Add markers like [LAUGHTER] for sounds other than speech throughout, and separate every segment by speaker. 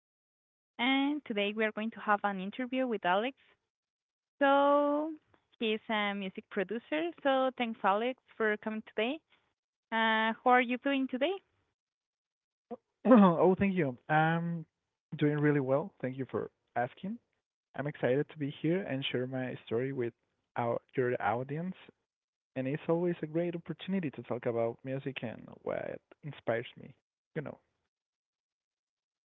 Speaker 1: Leslie, and today we are going to have an interview with Alex. So he's a music producer. So thanks, Alex, for coming today. How are you doing today?
Speaker 2: [CLEARS THROAT] Oh, thank you. I'm doing really well. Thank you for asking. I'm excited to be here and share my story with our your audience. And it's always a great opportunity to talk about music and what inspires me. You know.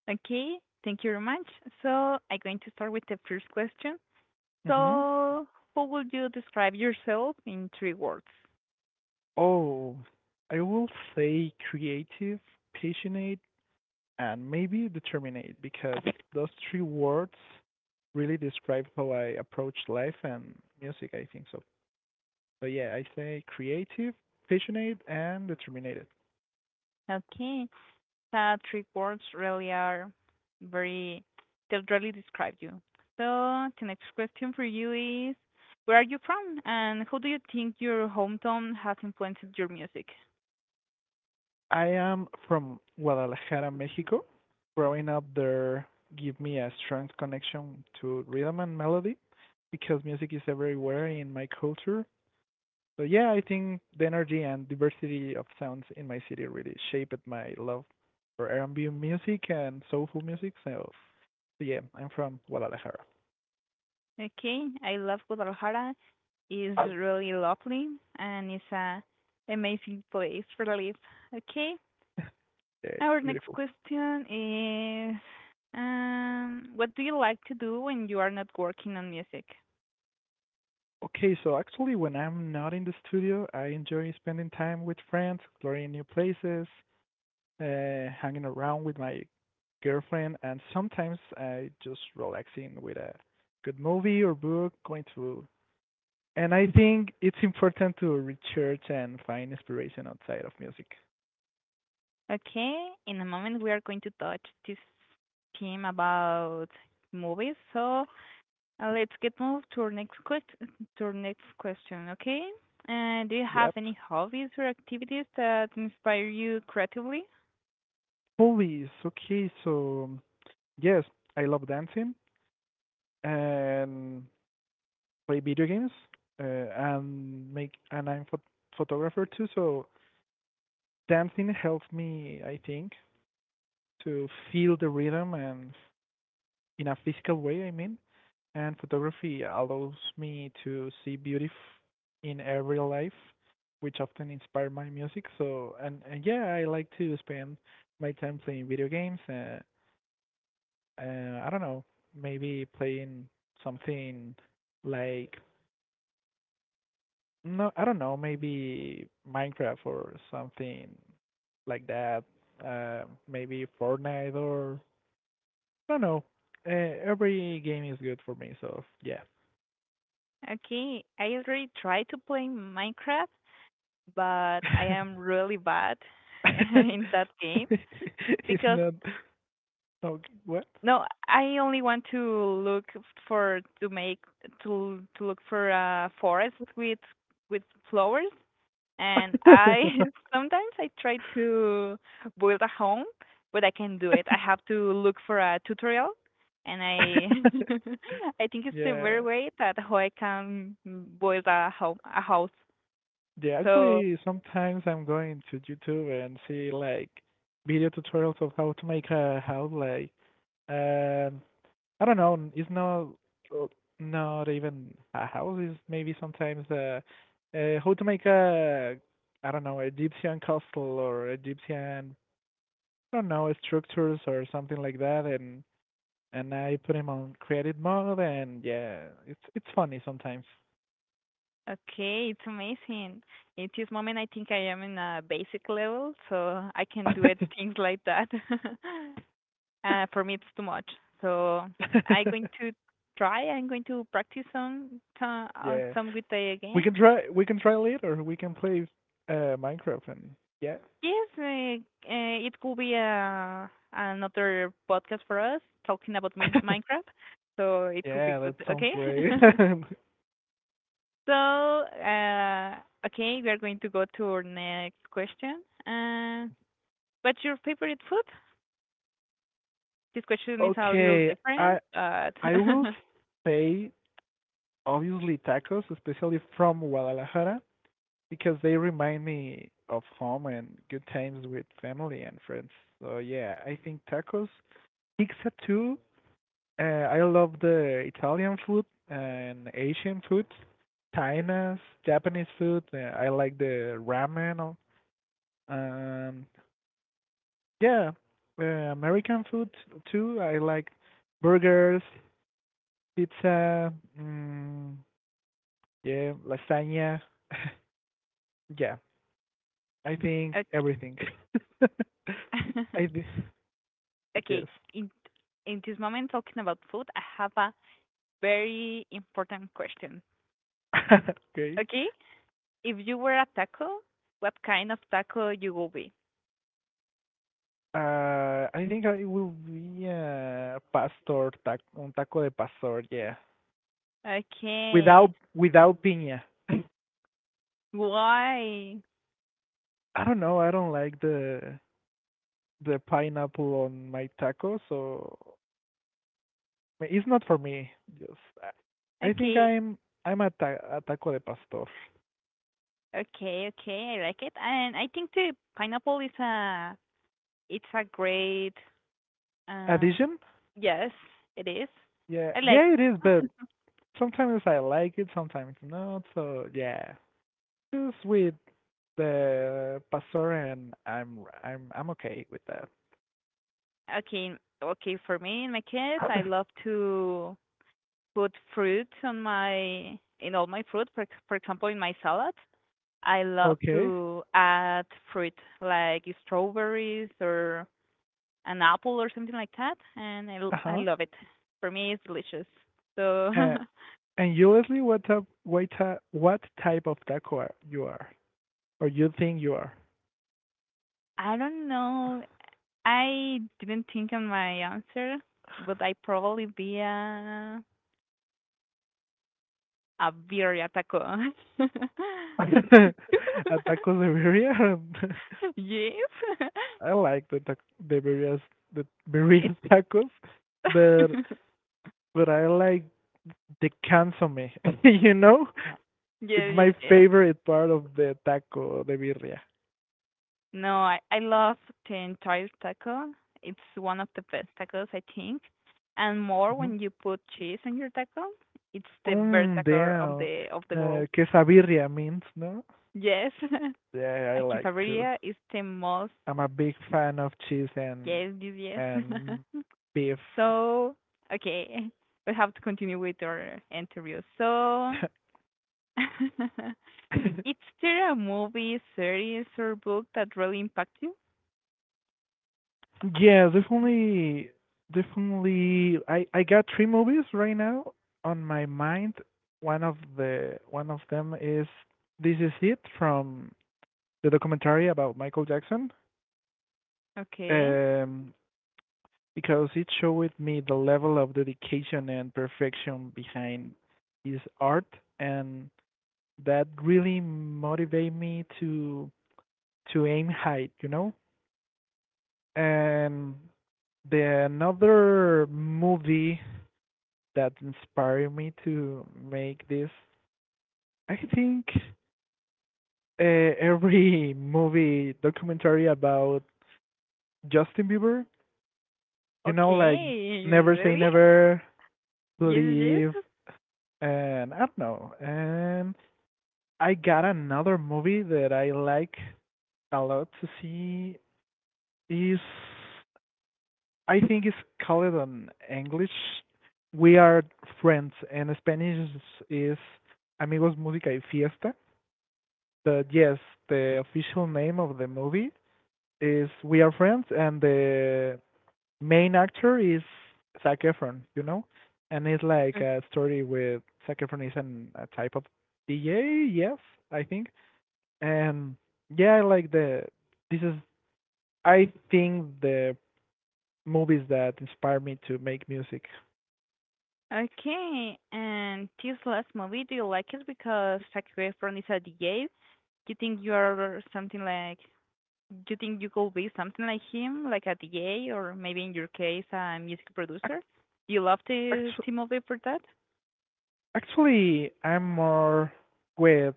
Speaker 1: Okay, thank you very much. So I'm going to start with the first question.
Speaker 2: hmm
Speaker 1: So, how would you describe yourself in three words?
Speaker 2: Oh, I will say creative, passionate, and maybe determined because those three words really describe how I approach life and music. I think so. But yeah, I say creative, passionate, and determined.
Speaker 1: Okay, that three words really are very, they really describe you. So the next question for you is, where are you from and how do you think your hometown has influenced your music?
Speaker 2: I am from Guadalajara, Mexico. Growing up there gave me a strong connection to rhythm and melody because music is everywhere in my culture. So yeah, I think the energy and diversity of sounds in my city really shaped my love for R&B music and soulful music. So yeah, I'm from Guadalajara.
Speaker 1: Okay, I love Guadalajara. It's
Speaker 2: [LAUGHS]
Speaker 1: really lovely, and it's a amazing place for life. Okay,
Speaker 2: Yeah, it's
Speaker 1: our next
Speaker 2: beautiful.
Speaker 1: question is, what do you like to do when you are not working on music?
Speaker 2: Okay, so actually, when I'm not in the studio, I enjoy spending time with friends, exploring new places, hanging around with my girlfriend, and sometimes I just relaxing with a good movie or book, going to. And I think it's important to research and find inspiration outside of music.
Speaker 1: Okay, in a moment we are going to touch this theme about movies. So let's get moved to our to our next question. Okay, do you have
Speaker 2: Yep.
Speaker 1: any hobbies or activities that inspire you creatively?
Speaker 2: Hobbies. Okay, so yes, I love dancing and play video games, and I'm photographer too, so dancing helps me, I think, to feel the rhythm and in a physical way, I mean. And photography allows me to see beauty in every life, which often inspire my music. So, and yeah, I like to spend my time playing video games. I don't know, maybe playing something like no, I don't know, maybe Minecraft or something like that. Uh, maybe Fortnite or I don't know. Every game is good for me, so yeah.
Speaker 1: Okay, I already tried to play Minecraft, but I
Speaker 2: [LAUGHS]
Speaker 1: am really bad [LAUGHS] in that game
Speaker 2: It's
Speaker 1: because
Speaker 2: not. No, what?
Speaker 1: no, I only want to look for to make to look for a forest with flowers, and
Speaker 2: [LAUGHS]
Speaker 1: I [LAUGHS] sometimes I try to build a home, but I can do it. I have to look for a tutorial, and I [LAUGHS] I think it's the very
Speaker 2: Yeah,
Speaker 1: way that how I can build a home a house.
Speaker 2: yeah.
Speaker 1: So
Speaker 2: Actually, sometimes I'm going to YouTube and see like video tutorials of how to make a house. Um, I don't know. It's not even a house. It's maybe sometimes how to make a I don't know, Egyptian castle or Egyptian I don't know structures or something like that, and I put him on creative mode, and yeah, it's funny sometimes.
Speaker 1: okay, it's amazing. At this moment, I think I am in a basic level, so I can do it
Speaker 2: [LAUGHS]
Speaker 1: things like that. [LAUGHS] Uh, for me, it's too much. So I'm going to try. I'm going to practice some some, uh,
Speaker 2: Yeah,
Speaker 1: some good day again.
Speaker 2: we can try later. We can play Minecraft and yeah,
Speaker 1: Yes, it could be another podcast for us talking about
Speaker 2: [LAUGHS]
Speaker 1: Minecraft. So it could be
Speaker 2: yeah,
Speaker 1: good.
Speaker 2: that sounds
Speaker 1: Okay.
Speaker 2: great.
Speaker 1: [LAUGHS] So, okay, we are going to go to our next question. What's your favorite food? This
Speaker 2: [LAUGHS]
Speaker 1: question is a little
Speaker 2: Okay,
Speaker 1: different, but
Speaker 2: I will say obviously tacos, especially from Guadalajara, because they remind me of home and good times with family and friends. So yeah, I think tacos, pizza too. Uh, I love the Italian food and Asian food, China's, Japanese food. I like the ramen. Um, yeah, American food too. I like burgers, pizza. Mm, yeah, lasagna. [LAUGHS] Yeah, I think
Speaker 1: [LAUGHS]
Speaker 2: everything. [LAUGHS]
Speaker 1: okay.
Speaker 2: I
Speaker 1: [LAUGHS]
Speaker 2: thi- but
Speaker 1: Okay,
Speaker 2: yes.
Speaker 1: in this moment talking about food, I have a very important question.
Speaker 2: [LAUGHS] Okay.
Speaker 1: Okay, if you were a taco, what kind of taco you will be?
Speaker 2: I think it will be pastor, un taco de pastor, yeah.
Speaker 1: Okay,
Speaker 2: Without piña. [CLEARS THROAT]
Speaker 1: why?
Speaker 2: I don't know. I don't like the pineapple on my taco, so it's not for me. Just I think
Speaker 1: Okay,
Speaker 2: I'm a, a taco de pastor.
Speaker 1: okay, okay. I like it, and I think the pineapple is a it's a great um.
Speaker 2: Addition?
Speaker 1: Yes, it is.
Speaker 2: Yeah,
Speaker 1: I like.
Speaker 2: yeah, it is. But
Speaker 1: [LAUGHS]
Speaker 2: sometimes I like it, sometimes not. So yeah, just with the pastor, and I'm okay with that.
Speaker 1: Okay, okay. For me, in my case, I
Speaker 2: [LAUGHS]
Speaker 1: love to put fruit on my in all my fruit. For for example, in my salad, I love
Speaker 2: Okay.
Speaker 1: to add fruit like strawberries or an apple or something like that, and I I
Speaker 2: Uh-huh.
Speaker 1: love it. For me, it's delicious. So
Speaker 2: Uh,
Speaker 1: [LAUGHS]
Speaker 2: and usually what type of taco are, you are or you think you are?
Speaker 1: I don't know. I didn't think on my answer, but I probably be a birria taco. [LAUGHS] [LAUGHS]
Speaker 2: [LAUGHS] A taco de birria?
Speaker 1: [LAUGHS] Yes. [LAUGHS]
Speaker 2: [LAUGHS] I like the birrias, the
Speaker 1: It's
Speaker 2: birria [LAUGHS] tacos, but
Speaker 1: [LAUGHS]
Speaker 2: but I like the consomme. [LAUGHS] You know, it's
Speaker 1: yes,
Speaker 2: my
Speaker 1: yes, yes.
Speaker 2: favorite part of the taco de birria.
Speaker 1: No, I love the entire taco. It's one of the best tacos, I think. And more
Speaker 2: Mhm.
Speaker 1: when you put cheese on your taco, it's the best
Speaker 2: Mm,
Speaker 1: taco of
Speaker 2: damn.
Speaker 1: the world.
Speaker 2: Quesabirria means, no?
Speaker 1: Yes.
Speaker 2: Yeah,
Speaker 1: [LAUGHS]
Speaker 2: I
Speaker 1: A
Speaker 2: like too.
Speaker 1: quesadilla is the most
Speaker 2: I'm a big fan of cheese and
Speaker 1: yes, yes, yes.
Speaker 2: and
Speaker 1: [LAUGHS]
Speaker 2: beef.
Speaker 1: So, okay, we have to continue with our interview. So,
Speaker 2: [LAUGHS]
Speaker 1: [LAUGHS] is there a movie, series, or book that really impact you?
Speaker 2: Yeah, definitely, definitely. I got three movies right now on my mind. One of them is "This Is It," from the documentary about Michael Jackson.
Speaker 1: Okay.
Speaker 2: Um, because it showed me the level of dedication and perfection behind his art and that really motivated me to aim high, you know? And the another movie that inspired me to make this, I think every movie documentary about Justin Bieber, you know, like
Speaker 1: Okay.
Speaker 2: "Never Say
Speaker 1: Really? [LAUGHS]
Speaker 2: Never,"
Speaker 1: Yes, yes.
Speaker 2: "Believe," and I don't know. And I got another movie that I like a lot to see is I think it's called an English. "We Are Friends," and Spanish is "Amigos Música y Fiesta." But yes, the official name of the movie is "We Are Friends," and the main actor is Zac Efron, you know? And it's like
Speaker 1: O-
Speaker 2: a story with Zac Efron is an, a type of DJ, yes, I think. And yeah, like the. This is, I think, the movies that inspire me to make music.
Speaker 1: Okay. And this last movie, do you like it because Zac Efron is a D A? DJ? You think you are something like, you think you could be something like him, like a D A, or maybe in your case, a music producer? Do you love
Speaker 2: Actu-
Speaker 1: the movie for that?
Speaker 2: Actually, I'm more with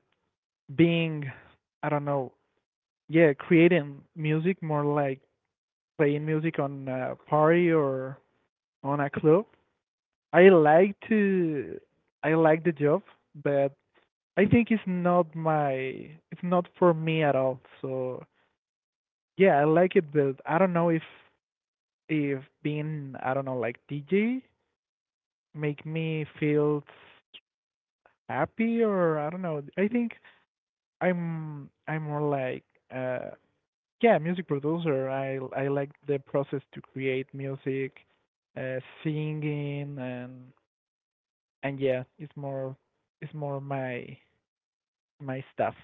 Speaker 2: being, I don't know, yeah, creating music, more like playing music on a party or on a club. I like to, I like the job, but I think it's not my, it's not for me at all. So yeah, I like it, but I don't know if being, I don't know, like DJ make me feel happy or I don't know. I think I'm more like uh yeah, music producer. I like the process to create music, uh singing and yeah, it's more my stuff.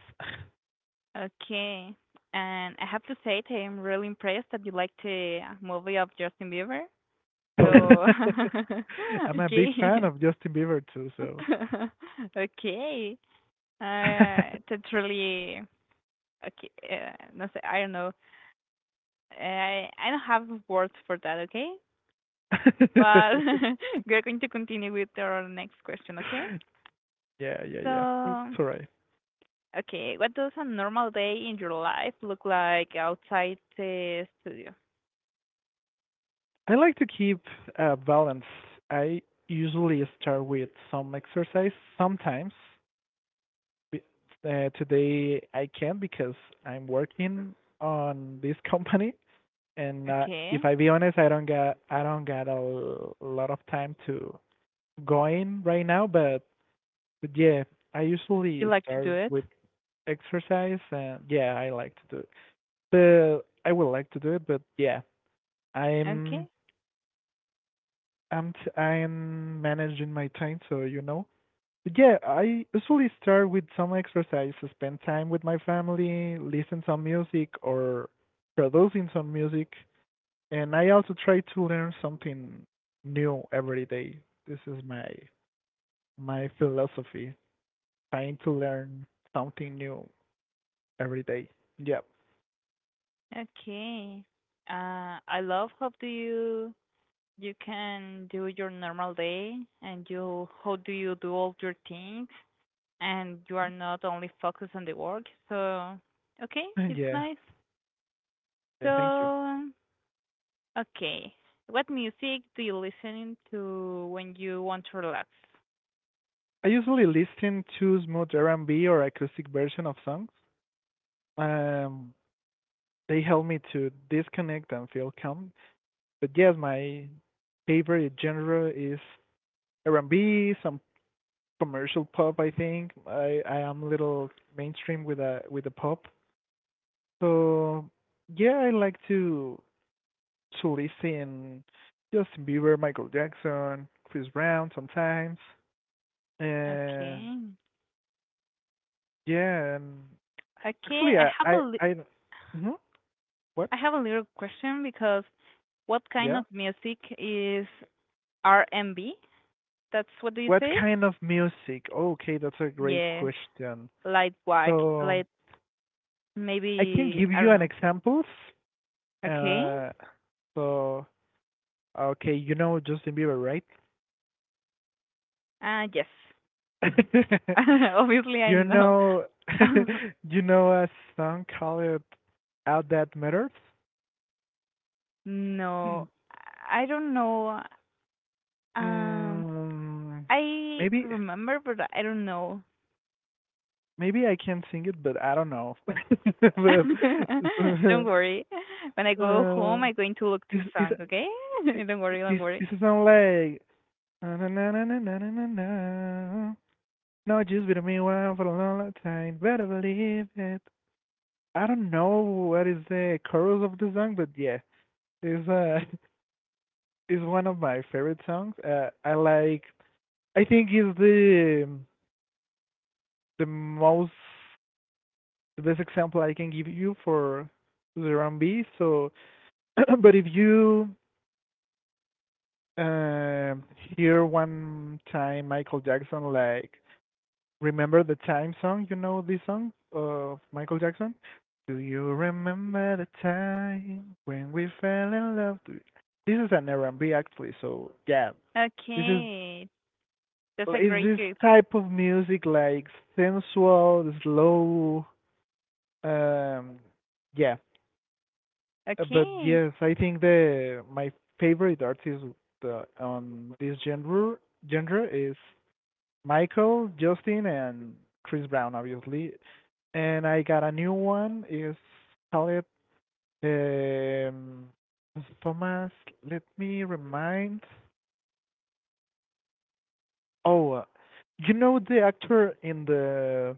Speaker 1: Okay. And I have to say, that I'm really impressed that you liked the movie of Justin Bieber. So
Speaker 2: [LAUGHS]
Speaker 1: [LAUGHS]
Speaker 2: I'm a big fan
Speaker 1: okay,
Speaker 2: of Justin Bieber too, so
Speaker 1: [LAUGHS] okay. That's
Speaker 2: [LAUGHS]
Speaker 1: really okay. No, sé, I don't know. I don't have words for that. Okay, but [LAUGHS] we're going to continue with our next question. Okay.
Speaker 2: yeah, yeah, yeah.
Speaker 1: So
Speaker 2: It's alright.
Speaker 1: okay, what does a normal day in your life look like outside the studio?
Speaker 2: I like to keep balance. I usually start with some exercise sometimes Be- today I can't because I'm working on this company, and if
Speaker 1: Okay,
Speaker 2: I be honest, I don't got a lot of time to go in right now. But yeah, I
Speaker 1: you
Speaker 2: usually
Speaker 1: like to do
Speaker 2: start
Speaker 1: it.
Speaker 2: with exercise, and yeah, I like to do it. But I would like to do it, but yeah, I'm
Speaker 1: Okay,
Speaker 2: I'm managing my time, so you know. Yeah, I usually start with some exercise, spend time with my family, listen some music or producing some music, and I also try to learn something new every day. This is my philosophy, trying to learn something new every day. Yeah.
Speaker 1: okay. I love how do you you can do your normal day, and you, how do you do all your things, and you are not only focused on the work, so okay,
Speaker 2: Mm.
Speaker 1: it's
Speaker 2: Yeah.
Speaker 1: nice.
Speaker 2: Yeah, thank you.
Speaker 1: So okay, what music do you listen to when you want to relax?
Speaker 2: I usually listen to smooth R&B or acoustic version of songs. Um, they help me to disconnect and feel calm. But yes, my favorite genre is R&B, some commercial pop. I think I am a little mainstream with a with the pop. So yeah, I like to listen Justin Bieber, Michael Jackson, Chris Brown sometimes. And
Speaker 1: Okay,
Speaker 2: yeah, and
Speaker 1: okay,
Speaker 2: actually
Speaker 1: I
Speaker 2: I I I mhm, what?
Speaker 1: I have a little question because what kind
Speaker 2: Yeah.
Speaker 1: of music is R&B, that's what do you
Speaker 2: What
Speaker 1: say?
Speaker 2: kind of music? Okay, that's a great
Speaker 1: Yes,
Speaker 2: question.
Speaker 1: light work,
Speaker 2: So
Speaker 1: light,
Speaker 2: I can
Speaker 1: maybe
Speaker 2: give
Speaker 1: I
Speaker 2: you
Speaker 1: don't
Speaker 2: an
Speaker 1: know.
Speaker 2: examples.
Speaker 1: Okay.
Speaker 2: Uh, so okay, you know Justin Bieber, right?
Speaker 1: Yes.
Speaker 2: [LAUGHS]
Speaker 1: [LAUGHS] Obviously, I
Speaker 2: You
Speaker 1: know.
Speaker 2: know, [LAUGHS]
Speaker 1: [LAUGHS]
Speaker 2: you know a song called "Out That Matters."
Speaker 1: No,
Speaker 2: [CLEARS THROAT]
Speaker 1: I don't know. Um,
Speaker 2: Mm,
Speaker 1: I
Speaker 2: maybe,
Speaker 1: remember, but I don't know.
Speaker 2: maybe I can sing it, but I don't know. [LAUGHS] But
Speaker 1: [LAUGHS] Don't
Speaker 2: so,
Speaker 1: worry. When I go
Speaker 2: uh,
Speaker 1: home, I'm going to look this
Speaker 2: is is
Speaker 1: song, okay? [LAUGHS] Don't worry, don't worry.
Speaker 2: is a song like na na na na na na na na. No, just be to me while for a long long time. Better believe it. I don't know what is the chorus of the song, but yeah, it's [LAUGHS] it's one of my favorite songs. I like. I think it's the most the best example I can give you for the R&B. So, [CLEARS THROAT] but if you uh, hear one time Michael Jackson like "Remember the Time" song? You know this song of Michael Jackson? Do you remember the time when we fell in love? Do you- This is an R&B actually, so yeah, this
Speaker 1: Okay, that's a
Speaker 2: is
Speaker 1: great
Speaker 2: this
Speaker 1: group.
Speaker 2: type of music like sensual, slow, um, yeah. But
Speaker 1: Okay,
Speaker 2: yes, I think the my favorite artist on this genre is Michael, Justin, and Chris Brown, obviously. And I got a new one. It's called um, Thomas. Let me remind. Oh, uh, you know the actor in the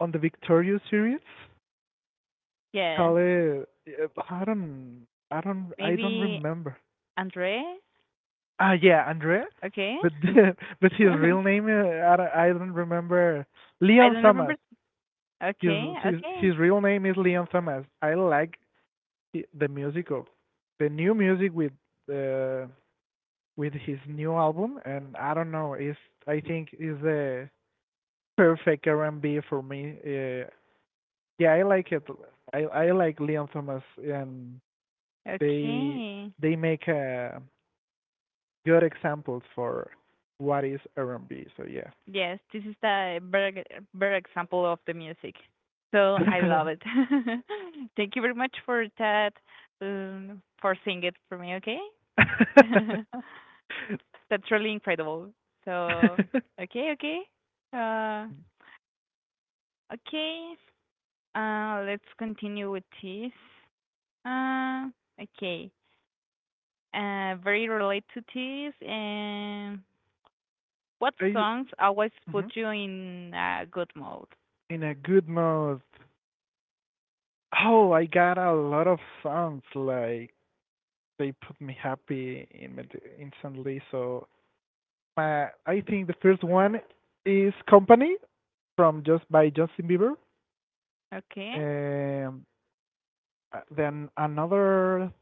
Speaker 2: on the Victoria series,
Speaker 1: yes.
Speaker 2: called I don't
Speaker 1: Maybe
Speaker 2: remember.
Speaker 1: Andre?
Speaker 2: Ah, yeah, Andreas.
Speaker 1: Okay. [LAUGHS]
Speaker 2: But [LAUGHS] but his real name, I don't remember.
Speaker 1: I
Speaker 2: Leon
Speaker 1: don't remember.
Speaker 2: Thomas. His
Speaker 1: Okay, okay,
Speaker 2: his real name is Leon Thomas. I like the music of the new music uh, with his new album, and I don't know. Is I think is the perfect R&B for me. Yeah, I like it. I like Leon Thomas, and they
Speaker 1: okay.
Speaker 2: they make good examples for what is R&B. So yeah.
Speaker 1: Yes, this is the very very example of the music. So I love it.
Speaker 2: [LAUGHS]
Speaker 1: [LAUGHS] Thank you very much for that, for singing it for me. Okay, [LAUGHS]
Speaker 2: [LAUGHS]
Speaker 1: that's really incredible. So okay, okay, uh, okay. Let's continue with this. Uh, okay. Very related to this. And what
Speaker 2: I,
Speaker 1: songs always put
Speaker 2: mhm.
Speaker 1: you in a good mood?
Speaker 2: In a good mood. Oh, I got a lot of songs. Like they put me happy in instantly. So I think the first one is "Company" from just by Justin Bieber.
Speaker 1: Okay.
Speaker 2: Um, then another.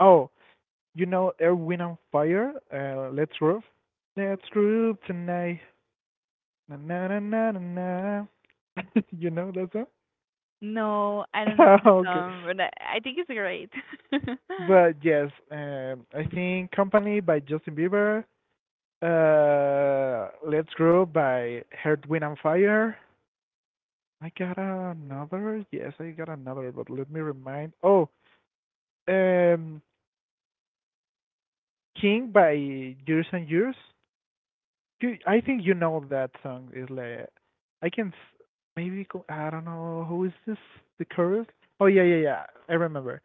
Speaker 2: Oh, you know "Air, Wind and Fire." Let's Roof. Let's Roof tonight. Na na na na na. Na. [LAUGHS] You know that
Speaker 1: No, I don't know
Speaker 2: song?
Speaker 1: the
Speaker 2: [LAUGHS] Okay.
Speaker 1: song, but I think it's great. [LAUGHS]
Speaker 2: But yes, I think "Company" by Justin Bieber. Let's Grow by Heart, Wind, and Fire. I got another. Yes, I got another, but let me remind. Oh, um, King by Years and Years. You, I think you know that song. Is like I can maybe go, I don't know who is this the chorus. Oh, yeah, yeah, yeah, I remember.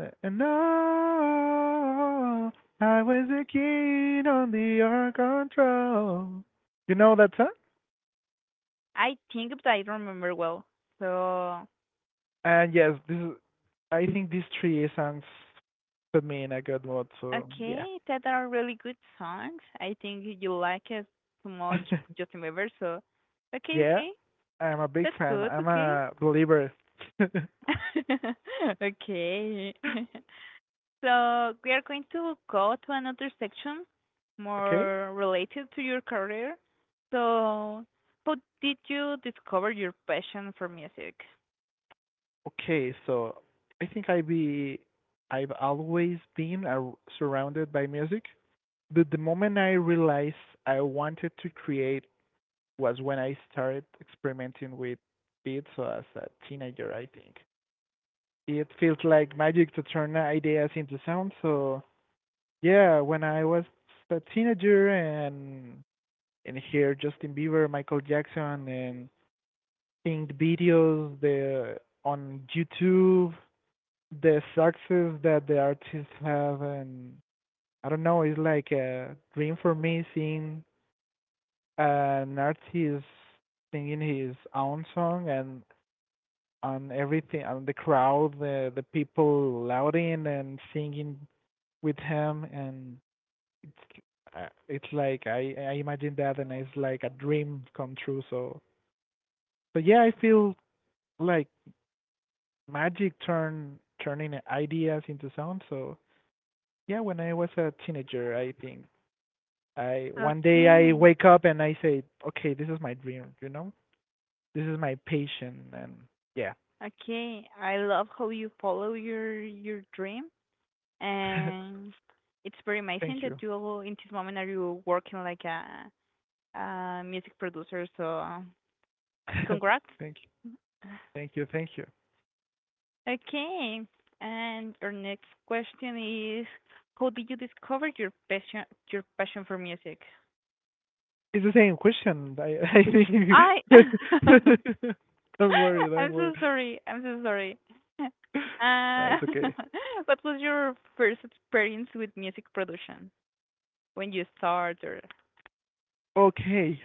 Speaker 2: And no, I was a king on the Ark control. You know that song?
Speaker 1: I think, but I don't remember well. So,
Speaker 2: And yes, this is, I think these three songs put me in a good mood. So yeah,
Speaker 1: okay, that are really good songs. I think you like it too much, Justin Bieber. So,
Speaker 2: [LAUGHS]
Speaker 1: okay,
Speaker 2: yeah,
Speaker 1: okay,
Speaker 2: I'm a big
Speaker 1: that's
Speaker 2: fan.
Speaker 1: good.
Speaker 2: I'm
Speaker 1: Okay,
Speaker 2: a believer. [LAUGHS]
Speaker 1: [LAUGHS] okay. [LAUGHS] So we are going to go to another section
Speaker 2: Okay,
Speaker 1: more related to your career. So, how did you discover your passion for music?
Speaker 2: okay. So I think I've always been surrounded by music, but the moment I realized I wanted to create was when I started experimenting with beats as a teenager. I think it feels like magic to turn ideas into sound. So yeah, when I was a teenager and hear Justin Bieber, Michael Jackson, and seeing the videos the on YouTube, the success that the artists have, and I don't know, it's like a dream for me seeing an artist singing his own song and on everything, on the crowd, the people louding and singing with him, and It's it's like I imagine that and it's like a dream come true. So yeah, I feel like magic turning ideas into sound. So yeah, when I was a teenager, I think I one day I
Speaker 1: Okay.
Speaker 2: wake up and I say, okay, this is my dream. You know, this is my passion, and yeah.
Speaker 1: Okay. I love how you follow your dream,
Speaker 2: [LAUGHS]
Speaker 1: and it's very amazing
Speaker 2: Thank
Speaker 1: that
Speaker 2: you.
Speaker 1: in this moment are you working like a music producer, so
Speaker 2: [LAUGHS]
Speaker 1: congrats.
Speaker 2: Thank you.
Speaker 1: [LAUGHS]
Speaker 2: Thank you. Thank you.
Speaker 1: Okay. And our next question is, how did you discover your passion for music?
Speaker 2: It's the same question. I
Speaker 1: I
Speaker 2: I
Speaker 1: [LAUGHS]
Speaker 2: think. [LAUGHS]
Speaker 1: [LAUGHS]
Speaker 2: Don't worry. Don't
Speaker 1: I'm
Speaker 2: worry.
Speaker 1: so sorry. I'm so sorry. [LAUGHS]
Speaker 2: No,
Speaker 1: Uh,
Speaker 2: it's okay.
Speaker 1: [LAUGHS] what was your first experience with music production when you started?
Speaker 2: Okay,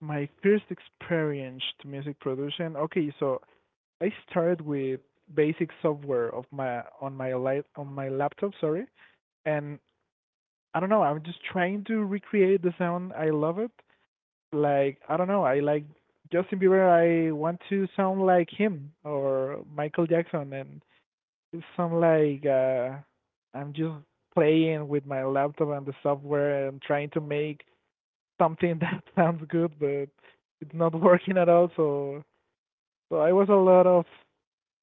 Speaker 2: my first experience to music production. Okay, so I started with basic software of my on my light on my laptop, sorry, and I don't know. I'm just trying to recreate the sound. I love it. Like I don't know. I like Justin Bieber. I want to sound like him or Michael Jackson, and it sound like I'm just playing with my laptop and the software and trying to make something [LAUGHS] that sounds good, but it's not working at all. So so I was a lot of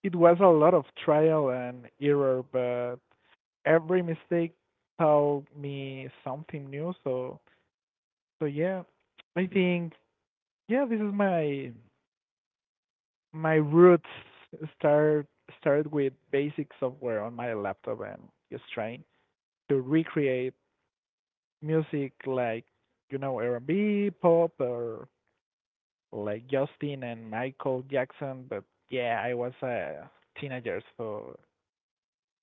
Speaker 2: it was a lot of trial and error, but every mistake taught me something new. So yeah, I think yeah, this is my roots start started with basic software on my laptop and just trying to recreate music like R&B, pop, or like Justin and Michael Jackson, but yeah, I was a teenager, so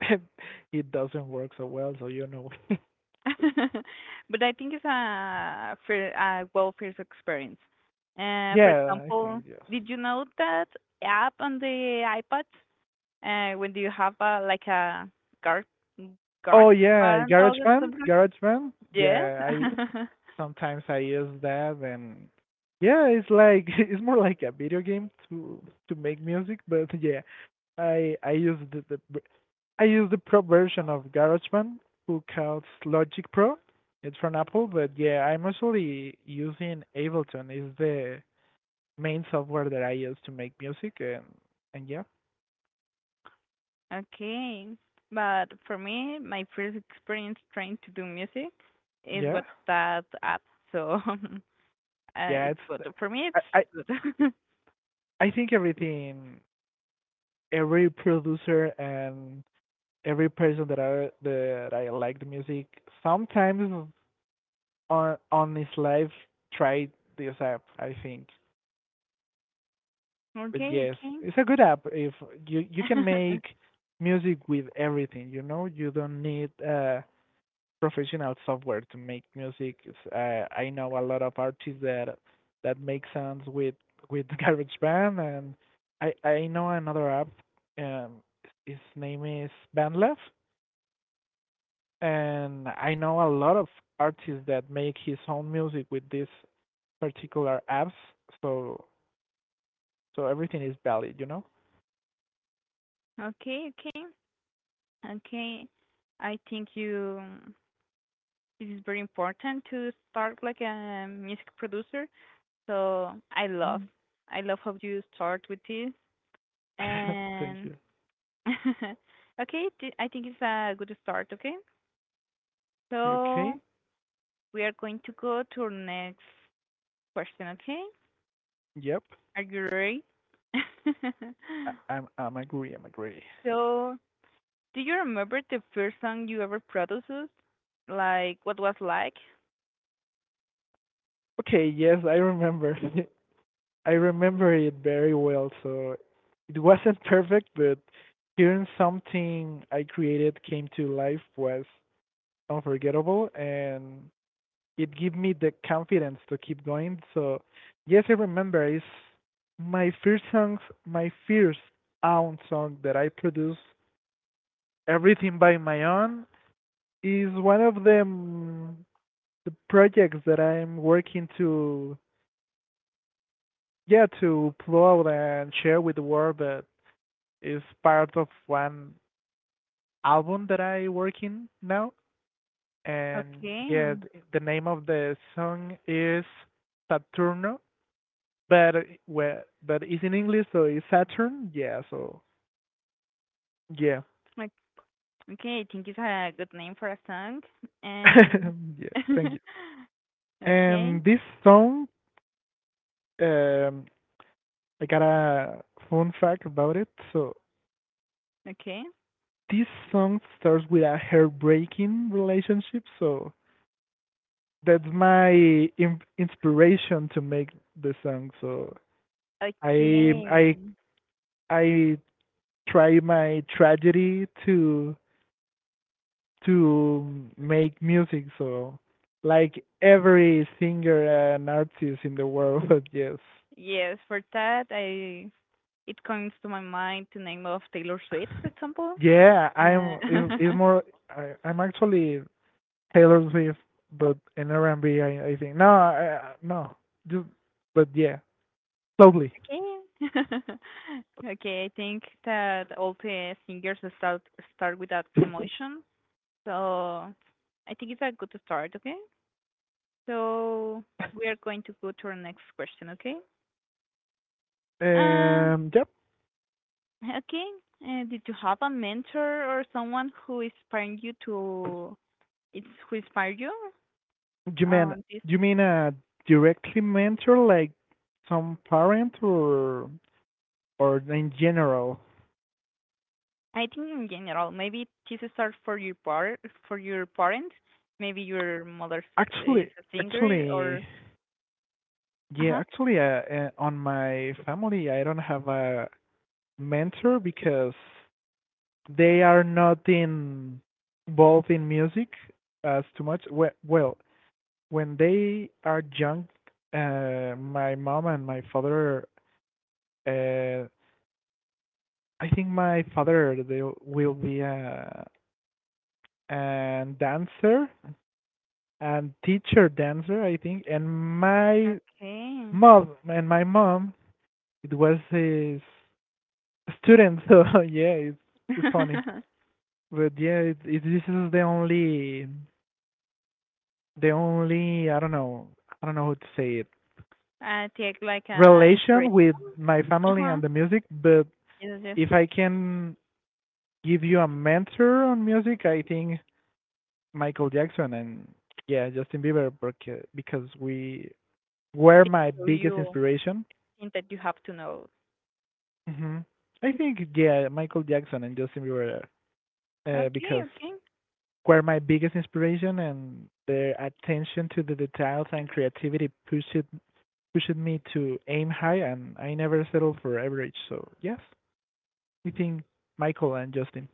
Speaker 2: [LAUGHS] it doesn't work so well. So, [LAUGHS]
Speaker 1: [LAUGHS] But I think it's a well first experience. For
Speaker 2: yeah, I think
Speaker 1: example,
Speaker 2: yes.
Speaker 1: did you know that app on the iPad? When do you have a like a gar garage
Speaker 2: Oh yeah,
Speaker 1: band or
Speaker 2: GarageBand,
Speaker 1: something? Like-
Speaker 2: GarageBand.
Speaker 1: Yes.
Speaker 2: Yeah, I
Speaker 1: [LAUGHS]
Speaker 2: sometimes I use that, and yeah, it's like [LAUGHS] it's more like a video game to make music, but [LAUGHS] yeah, I I use the, the I use the pro version of GarageBand, who calls Logic Pro. It's from Apple, but yeah, I'm mostly using Ableton. It's the main software that I use to make music, and yeah,
Speaker 1: Okay, but for me, my first experience trying to do music is
Speaker 2: yeah,
Speaker 1: with that app, so [LAUGHS]
Speaker 2: yeah.
Speaker 1: it's
Speaker 2: It's
Speaker 1: good
Speaker 2: the-
Speaker 1: for me.
Speaker 2: I I,
Speaker 1: It's good.
Speaker 2: I think everything, every producer and every person that I like the music sometimes on his life tried this app. I think.
Speaker 1: [LAUGHS]
Speaker 2: But
Speaker 1: Okay,
Speaker 2: yes,
Speaker 1: okay,
Speaker 2: it's a good app if you can make
Speaker 1: [LAUGHS]
Speaker 2: music with everything. You know, you don't need professional software to make music. I know a lot of artists that make songs with [LAUGHS] GarageBand, and I know another app. Um, his name is BandLab, and I know a lot of artists that make his own music with these particular apps. So so everything is valid.
Speaker 1: okay, okay, okay. I think you it is very important to start like a music producer. So
Speaker 2: Mm.
Speaker 1: I love how you start with this,
Speaker 2: [LAUGHS] Thank
Speaker 1: and
Speaker 2: you.
Speaker 1: [LAUGHS] okay, I think it's a good start. Okay,
Speaker 2: Okay, okay.
Speaker 1: so we are going to go to our next question, okay?
Speaker 2: Yep.
Speaker 1: Are you ready? [LAUGHS]
Speaker 2: I'm agree.
Speaker 1: So do you remember the first song you ever produced? Like, what was like?
Speaker 2: Okay, yes, I remember. [LAUGHS] I remember it very well, so it wasn't perfect, but hearing something I created came to life was unforgettable and it gave me the confidence to keep going. So yes, I remember it's my first songs, my first own song that I produced everything by my own is one of them. The projects that I'm working to yeah to upload and share with the world, but is part of one album that I work in now. And
Speaker 1: Okay.
Speaker 2: yeah, the name of the song is Saturno, but well, but it's in English, so it's Saturn. Yeah, so yeah,
Speaker 1: Like, okay, I think it's a good name for a song. And
Speaker 2: [LAUGHS] yeah. Thank
Speaker 1: [LAUGHS]
Speaker 2: you.
Speaker 1: okay,
Speaker 2: And this song, um, I got a fun fact about it. So
Speaker 1: okay.
Speaker 2: this song starts with a heartbreaking relationship, so that's my inspiration to make the song. So I
Speaker 1: Okay.
Speaker 2: I I try my tragedy to make music. So like every singer and artist in the world, [LAUGHS] yes.
Speaker 1: Yes, for that I it comes to my mind the name of Taylor Swift, for example.
Speaker 2: Yeah,
Speaker 1: Uh,
Speaker 2: I'm. It's
Speaker 1: [LAUGHS]
Speaker 2: more. I'm actually Taylor Swift, but in R&B, I think. No, no. Just, but yeah. Slowly.
Speaker 1: Okay. [LAUGHS] Okay, I think that all the singers start with that emotion. So I think it's a good start, okay? So we are going to go to our next question, okay? Uh,
Speaker 2: Yep.
Speaker 1: okay. Did you have a mentor or someone who inspired you to it's who inspired you?
Speaker 2: You mean
Speaker 1: This
Speaker 2: you mean a directly mentor, like some parent, or in general?
Speaker 1: I think in general, maybe this start for your par for your parents, maybe your mother is
Speaker 2: Actually,
Speaker 1: a singer
Speaker 2: actually,
Speaker 1: or
Speaker 2: yeah.
Speaker 1: uh-huh.
Speaker 2: Actually, on my family, I don't have a mentor because they are not in involved in music as too much. Well, when they are young, my mom and my father, uh, I think my father they will be a dancer and teacher dancer, I think. And my
Speaker 1: Okay.
Speaker 2: my mom it was his student. [LAUGHS] So yeah, it's funny.
Speaker 1: [LAUGHS]
Speaker 2: But yeah, this is the only, I don't know how to say it,
Speaker 1: I take like a inspiration.
Speaker 2: relation with my family
Speaker 1: Uh-huh.
Speaker 2: and the music. But
Speaker 1: It's just
Speaker 2: if I can give you a mentor on music, I think Michael Jackson and yeah, Justin Bieber because we were
Speaker 1: to
Speaker 2: my
Speaker 1: show
Speaker 2: biggest
Speaker 1: you
Speaker 2: inspiration.
Speaker 1: things that you have to know.
Speaker 2: Hmm. I think yeah, Michael Jackson and Justin Bieber,
Speaker 1: Okay,
Speaker 2: because
Speaker 1: okay.
Speaker 2: were my biggest inspiration and their attention to the details and creativity pushed me to aim high and I never settled for average. So yes, I think Michael and Justin.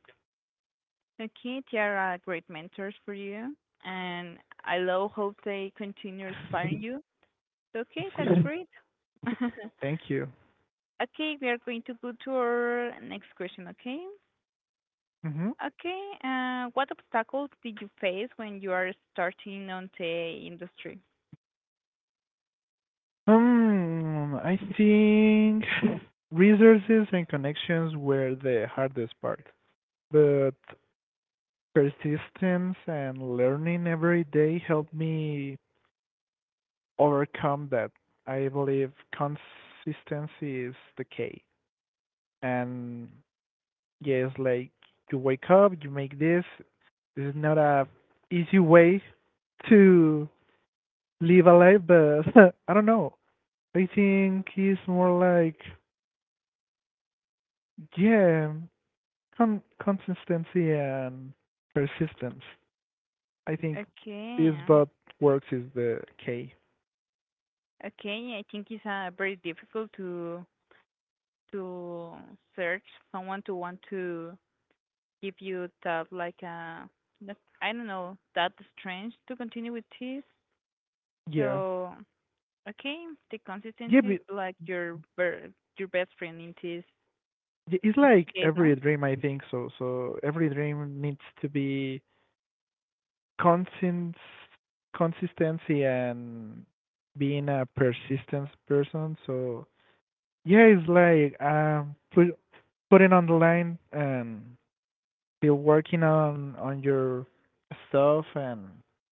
Speaker 1: Okay, Tiara, are great mentors for you. And I love how they continue inspiring you. Okay, that's great.
Speaker 2: [LAUGHS]
Speaker 1: [LAUGHS] Okay,
Speaker 2: Thank you.
Speaker 1: we are going to go to our next question, okay?
Speaker 2: Hmm.
Speaker 1: Okay, what obstacles did you face when you are starting on the industry?
Speaker 2: I think resources and connections were the hardest part, but persistence and learning every day helped me overcome that. I believe consistency is the key. And yes, like you wake up, you make this. This is not a easy way to live a life, but [LAUGHS] I don't know. I think it's more like yeah, consistency and persistence. I think
Speaker 1: Okay.
Speaker 2: this but works is the key.
Speaker 1: Okay, I think it's very difficult to to search someone to want to give you that like that, I don't know that strange to continue with this.
Speaker 2: Yeah.
Speaker 1: So okay, the
Speaker 2: Yeah,
Speaker 1: consistency is
Speaker 2: but
Speaker 1: like your best friend in this
Speaker 2: it's
Speaker 1: in this
Speaker 2: like
Speaker 1: case, no?
Speaker 2: every dream I think so. So every dream needs to be consist consistency and being a persistent person. So yeah, it's like putting on the line and still working on your stuff and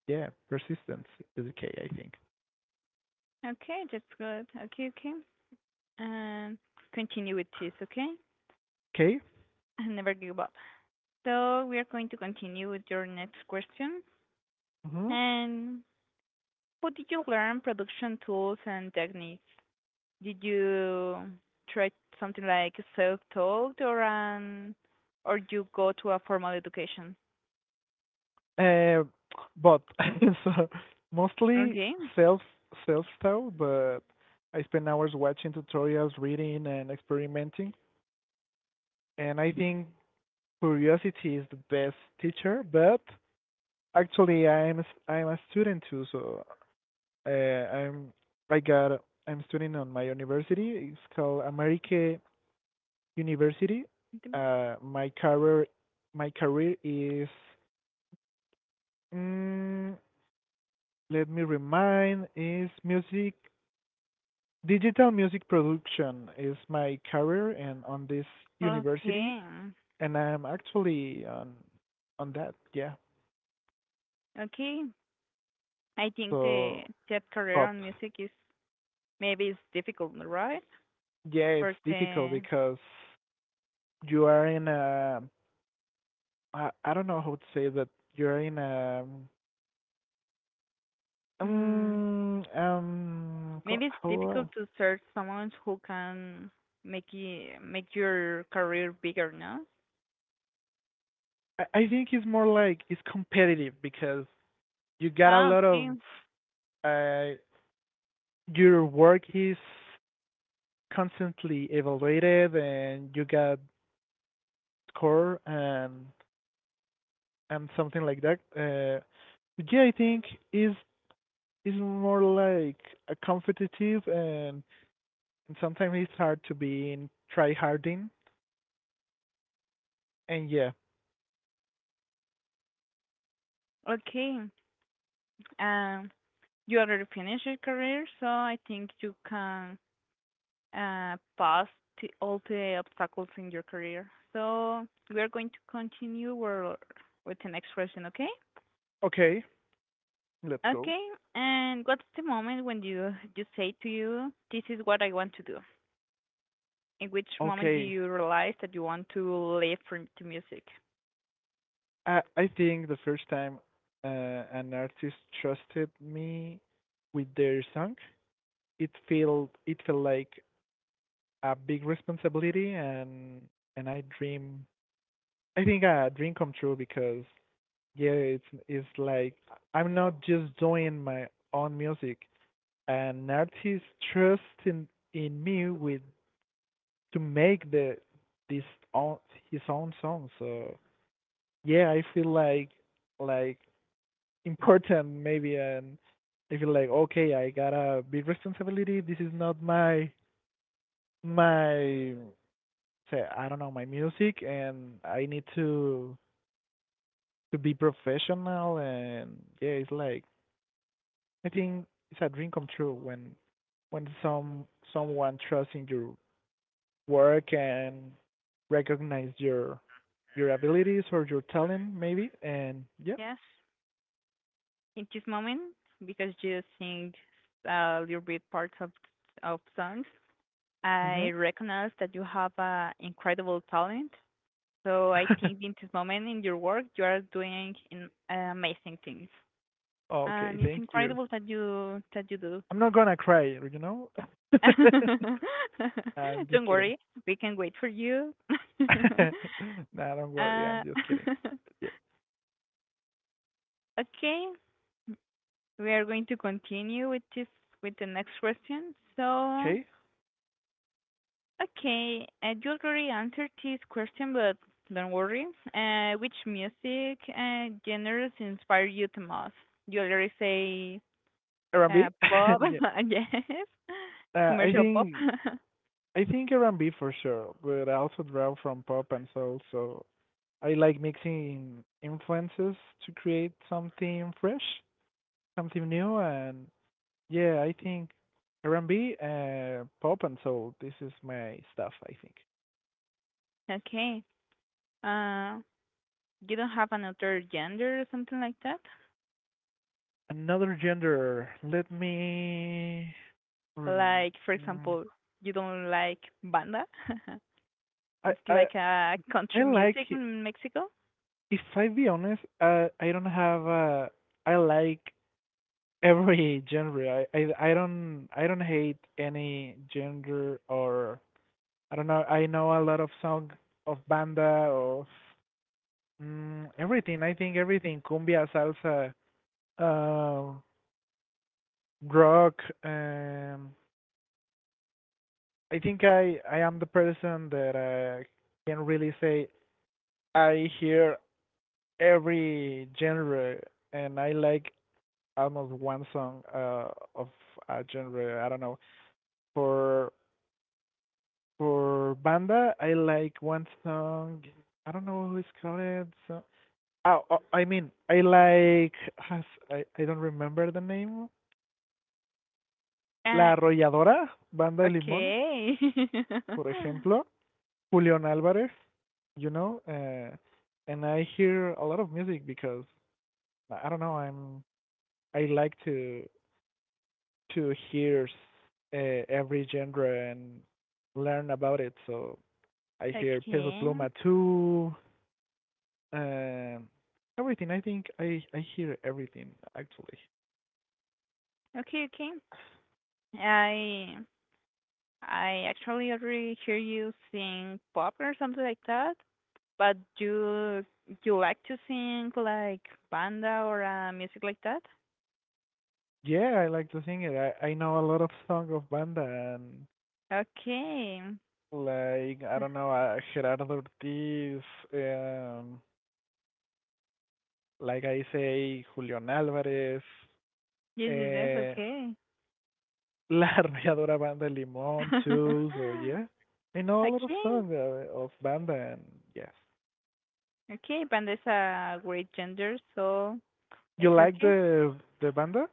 Speaker 2: yeah, persistence is the key I think.
Speaker 1: Okay, that's good. Okay, okay, and continue with this. Okay,
Speaker 2: Okay.
Speaker 1: [LAUGHS] and never give up. So we are going to continue with your next question,
Speaker 2: Hmm.
Speaker 1: and how did you learn production tools and techniques? Did you try something like self-taught or an or you go to a formal education?
Speaker 2: Uh, but [LAUGHS] so mostly
Speaker 1: Okay.
Speaker 2: self self taught, but I spend hours watching tutorials, reading, and experimenting. And I think curiosity is the best teacher. But actually, I'm a student too, so I'm I got I'm studying on my university. It's called America University. My career, is. Mm, Let me remind is music digital music production is my career and on this university
Speaker 1: Okay.
Speaker 2: and I'm actually on that, yeah.
Speaker 1: Okay. I think
Speaker 2: So
Speaker 1: the that career
Speaker 2: but
Speaker 1: on music is maybe it's difficult, right?
Speaker 2: yeah, it's
Speaker 1: But
Speaker 2: difficult because you are in a, I don't know how to say that, you're in a
Speaker 1: mm, maybe it's difficult
Speaker 2: how.
Speaker 1: to search someone who can make it, make your career bigger, no?
Speaker 2: I think it's more like it's competitive because you got a
Speaker 1: Ah,
Speaker 2: lot
Speaker 1: okay.
Speaker 2: of uh your work is constantly evaluated and you got score and something like that. Yeah, I think is is more like a competitive and sometimes it's hard to be in try harding. And yeah,
Speaker 1: Okay. Um, you already finished your career, so I think you can pass all the obstacles in your career. So we are going to continue with the next question, okay?
Speaker 2: okay, let's go.
Speaker 1: Okay, and what's the moment when you say to you, "This is what I want to do"? In which moment do
Speaker 2: Okay,
Speaker 1: you realize that you want to live from the music?
Speaker 2: I think the first time, an artist trusted me with their song, it felt like a big responsibility and I think a dream come true because yeah, it's like I'm not just doing my own music. An artist trusts in me with to make the this own his own song. So yeah, I feel like like important maybe, and I feel like okay, I got a big responsibility. This is not my say, I don't know, my music, and I need to be professional and yeah, it's like I think it's a dream come true when when some someone trusts in your work and recognize your abilities or your talent maybe and yeah.
Speaker 1: Yes, in this moment because you sing a little bit parts of songs
Speaker 2: Mhm.
Speaker 1: I recognize that you have an incredible talent. So I think
Speaker 2: [LAUGHS]
Speaker 1: in this moment in your work, you are doing amazing things,
Speaker 2: Okay,
Speaker 1: and it's
Speaker 2: thank you.
Speaker 1: incredible that you do.
Speaker 2: I'm not gonna cry. [LAUGHS]
Speaker 1: [LAUGHS]
Speaker 2: I'm just
Speaker 1: Don't
Speaker 2: kidding.
Speaker 1: worry, we can wait for you. [LAUGHS] uh,
Speaker 2: [LAUGHS] Nah, don't worry, I'm just kidding.
Speaker 1: [LAUGHS]
Speaker 2: Yeah.
Speaker 1: okay, we are going to continue with the next question. So
Speaker 2: Okay,
Speaker 1: okay, you already answered this question, but don't worry. Which music genres inspire you the most? You already say
Speaker 2: R&B,
Speaker 1: pop,
Speaker 2: [LAUGHS] yeah,
Speaker 1: [LAUGHS] yes,
Speaker 2: uh, i
Speaker 1: commercial pop.
Speaker 2: think
Speaker 1: [LAUGHS]
Speaker 2: I think R&B for sure, but I also draw from pop and soul, so I like mixing influences to create something fresh, something new, and yeah, I think R&B, pop and soul. This is my stuff, I think.
Speaker 1: Okay. Uh, you don't have another gender or something like that?
Speaker 2: Another gender. Let me remember.
Speaker 1: Like, for
Speaker 2: Mm,
Speaker 1: example, you don't like banda? [LAUGHS]
Speaker 2: I
Speaker 1: It's
Speaker 2: I
Speaker 1: like a
Speaker 2: I
Speaker 1: country music
Speaker 2: like it.
Speaker 1: in Mexico.
Speaker 2: If I be honest, I don't have a. I like every genre. I don't, hate any genre or I don't know. I know a lot of song of banda of everything. I think everything cumbia, salsa, uh, rock. Um, I think I am the person that, can really say I hear every genre and I like almost one song of a genre. I don't know. for For banda, I like one song. I don't know who it's called. So, oh, I mean, I like. I don't remember the name. La
Speaker 1: Uh,
Speaker 2: Arrolladora, Banda de Limón,
Speaker 1: okay.
Speaker 2: por
Speaker 1: [LAUGHS]
Speaker 2: ejemplo. Julian Álvarez, you know. And I hear a lot of music because I don't know. I'm. I like to hear every genre and learn about it. So I hear Peso
Speaker 1: Okay.
Speaker 2: Pluma too. Um, Everything. I think I hear everything actually.
Speaker 1: Okay, okay. I I actually already hear you sing pop or something like that, but do you like to sing like banda or music like that?
Speaker 2: Yeah, I like to sing it. I know a lot of song of banda and
Speaker 1: Okay.
Speaker 2: like I don't
Speaker 1: [SIGHS]
Speaker 2: know Gerardo Ortiz. Um, like I say, Julian Alvarez.
Speaker 1: Yes, yes, yes,
Speaker 2: Uh,
Speaker 1: okay.
Speaker 2: La [LAUGHS] Arrolladora Banda Limón too. So
Speaker 1: [LAUGHS]
Speaker 2: yeah, I know a lot of
Speaker 1: Okay.
Speaker 2: songs of banda and yes.
Speaker 1: Okay, banda is a great gender, so it's
Speaker 2: You like
Speaker 1: okay.
Speaker 2: the banda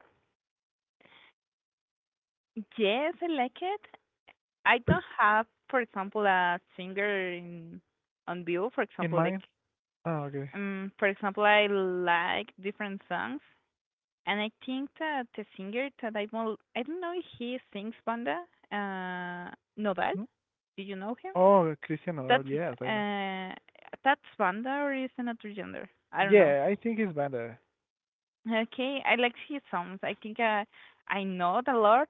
Speaker 1: Yes, I like it. I don't have, for example, a singer in on view, for
Speaker 2: in
Speaker 1: example, like
Speaker 2: mine? Oh, okay.
Speaker 1: um, for example, I like different songs, and I think that the singer that I will, I don't know if he sings Banda, uh, Nodal.
Speaker 2: Hmm?
Speaker 1: Do you know him?
Speaker 2: Oh, Cristiano.
Speaker 1: That's
Speaker 2: Ronaldo, yes, I know.
Speaker 1: uh, that's Banda or is another gender? I don't know.
Speaker 2: Yeah, I think it's better.
Speaker 1: Okay, I like his songs. I think I know it a lot.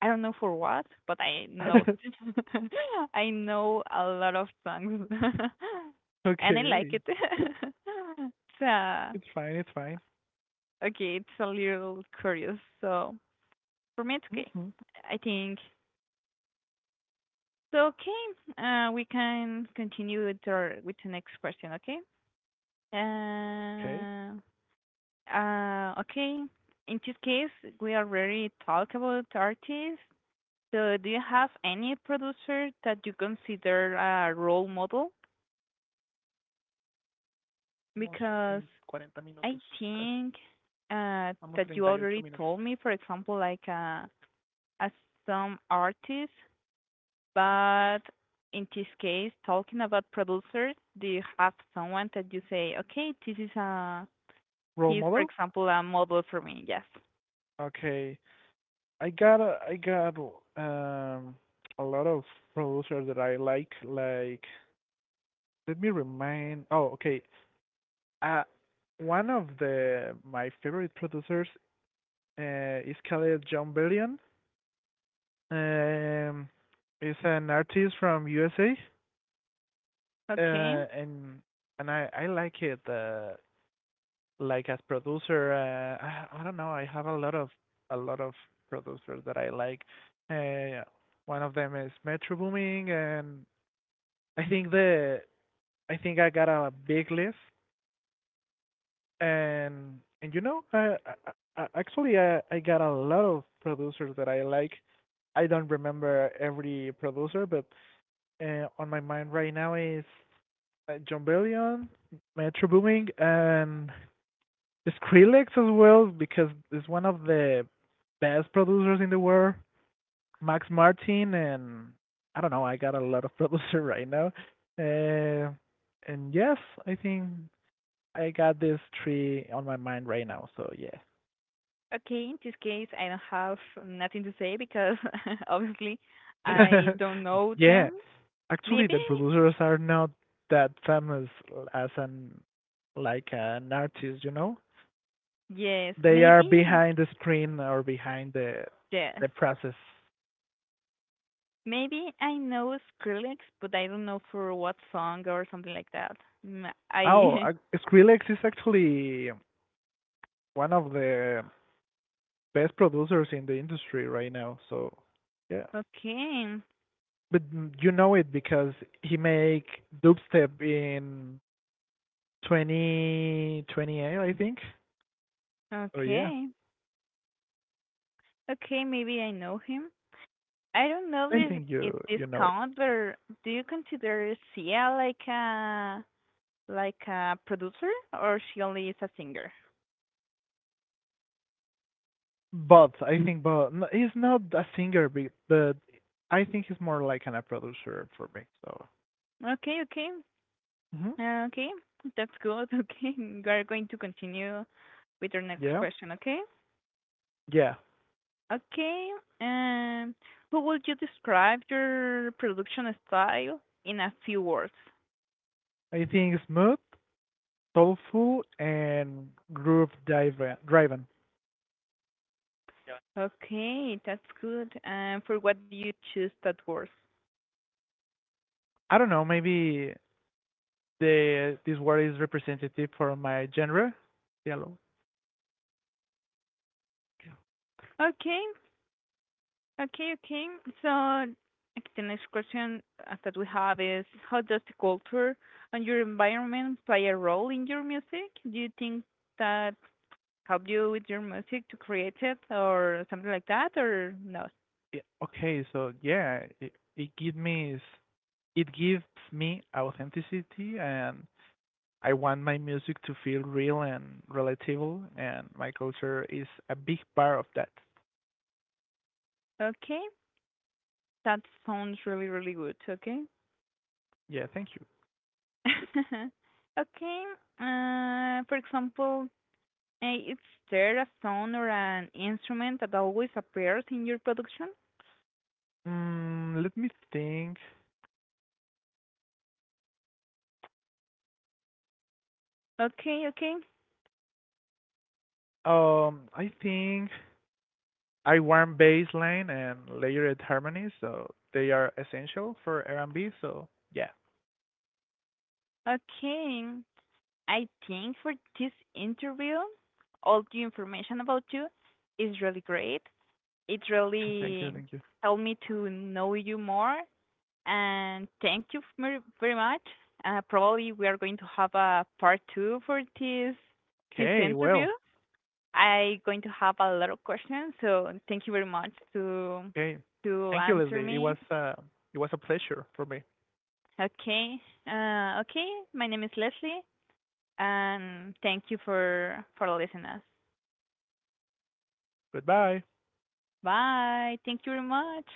Speaker 1: I don't know for what, but I know
Speaker 2: [LAUGHS]
Speaker 1: [LAUGHS] I know a lot of songs, [LAUGHS] and I like
Speaker 2: Okay,
Speaker 1: it. [LAUGHS] So
Speaker 2: it's fine, it's fine.
Speaker 1: okay, it's a little curious. So for me, it's okay.
Speaker 2: Hmm.
Speaker 1: I think so. Okay, we can continue with our with the next question. Okay.
Speaker 2: Okay,
Speaker 1: Uh, okay. In this case, we already talked about artists. So do you have any producer that you consider a role model? Because
Speaker 2: 40
Speaker 1: I
Speaker 2: minutos casi.
Speaker 1: think
Speaker 2: Vamos
Speaker 1: that
Speaker 2: 38
Speaker 1: you already
Speaker 2: minutos.
Speaker 1: told me, for example, like as some artists but in this case, talking about producers, do you have someone that you say, okay, this is a,
Speaker 2: Role
Speaker 1: he's for
Speaker 2: model.
Speaker 1: example a model for me? Yes.
Speaker 2: Okay, I got um a lot of producers that I like. Like, let me remind. Oh, okay. Uh, one of the my favorite producers is called John Bellion. Um, he's an artist from USA.
Speaker 1: Okay.
Speaker 2: uh, and I like it like as producer. I don't know. I have a lot of a lot of producers that I like. Uh, One of them is Metro Booming, and I think the I think I got a big list, and you know, I actually I got a lot of producers that I like. I don't remember every producer, but on my mind right now is John Bellion, Metro Booming, and Skrillex as well because it's one of the best producers in the world. Max Martin and I don't know. I got a lot of [LAUGHS] producer right now. Uh, and yes, I think I got these three on my mind right now. So yeah,
Speaker 1: Okay. In this case, I don't have nothing to say because [LAUGHS] obviously I
Speaker 2: [LAUGHS]
Speaker 1: don't know
Speaker 2: yeah.
Speaker 1: them.
Speaker 2: Actually,
Speaker 1: Maybe
Speaker 2: the producers are not that famous as an like an artist. You know,
Speaker 1: yes.
Speaker 2: they are
Speaker 1: Maybe
Speaker 2: behind the screen or behind the
Speaker 1: yes.
Speaker 2: process.
Speaker 1: Maybe I know Skrillex, but I don't know for what song or something like that. Mm,
Speaker 2: Oh,
Speaker 1: I
Speaker 2: Skrillex is actually one of the best producers in the industry right now. So, yeah.
Speaker 1: [LAUGHS] okay.
Speaker 2: But you know it because he make dubstep in 2028, I think. Oh yeah,
Speaker 1: Okay. Okay, maybe I know him. I don't know
Speaker 2: I
Speaker 1: if
Speaker 2: think
Speaker 1: if
Speaker 2: you
Speaker 1: this
Speaker 2: you know it.
Speaker 1: count, but do you consider Sia like a producer or she only is a singer?
Speaker 2: But I think but no, he's not a singer, but I think he's more like a producer for me. So,
Speaker 1: Okay, okay,
Speaker 2: hmm,
Speaker 1: okay, that's good. [LAUGHS] Okay, we are going to continue with our next
Speaker 2: yeah,
Speaker 1: question. Okay,
Speaker 2: yeah.
Speaker 1: okay. Um, who would you describe your production style in a few words?
Speaker 2: I think smooth, soulful, and groove driven. Driven.
Speaker 1: Okay, that's good. And for what do you choose that word?
Speaker 2: I don't know. Maybe the this word is representative for my genre. Yellow.
Speaker 1: Okay, okay, okay. So okay, the next question that we have is, how does the culture and your environment play a role in your music? Do you think that help you with your music to create it or something like that, or no?
Speaker 2: Yeah. Okay. So yeah, it gives me it gives me authenticity, and I want my music to feel real and relatable, and my culture is a big part of that.
Speaker 1: Okay, that sounds really, really good. Okay.
Speaker 2: Yeah. Thank you.
Speaker 1: [LAUGHS] Okay. For example, is there a sound or an instrument that always appears in your production?
Speaker 2: Mm, let me think.
Speaker 1: Okay, okay,
Speaker 2: I think I want bass line and layered harmonies, so they are essential for R&B. So yeah.
Speaker 1: okay. I think for this interview, all the information about you is really great. It really
Speaker 2: Thank you.
Speaker 1: helped me to know you more, and thank you very, very much. Probably we are going to have a part 2 for this
Speaker 2: Okay,
Speaker 1: interview.
Speaker 2: well,
Speaker 1: I going to have a lot of questions, so thank you very much to
Speaker 2: okay. Thank you,
Speaker 1: answer
Speaker 2: Leslie.
Speaker 1: me.
Speaker 2: It was a pleasure for me.
Speaker 1: Okay, okay. My name is Leslie, and thank you for listening us.
Speaker 2: Goodbye.
Speaker 1: Bye. Thank you very much.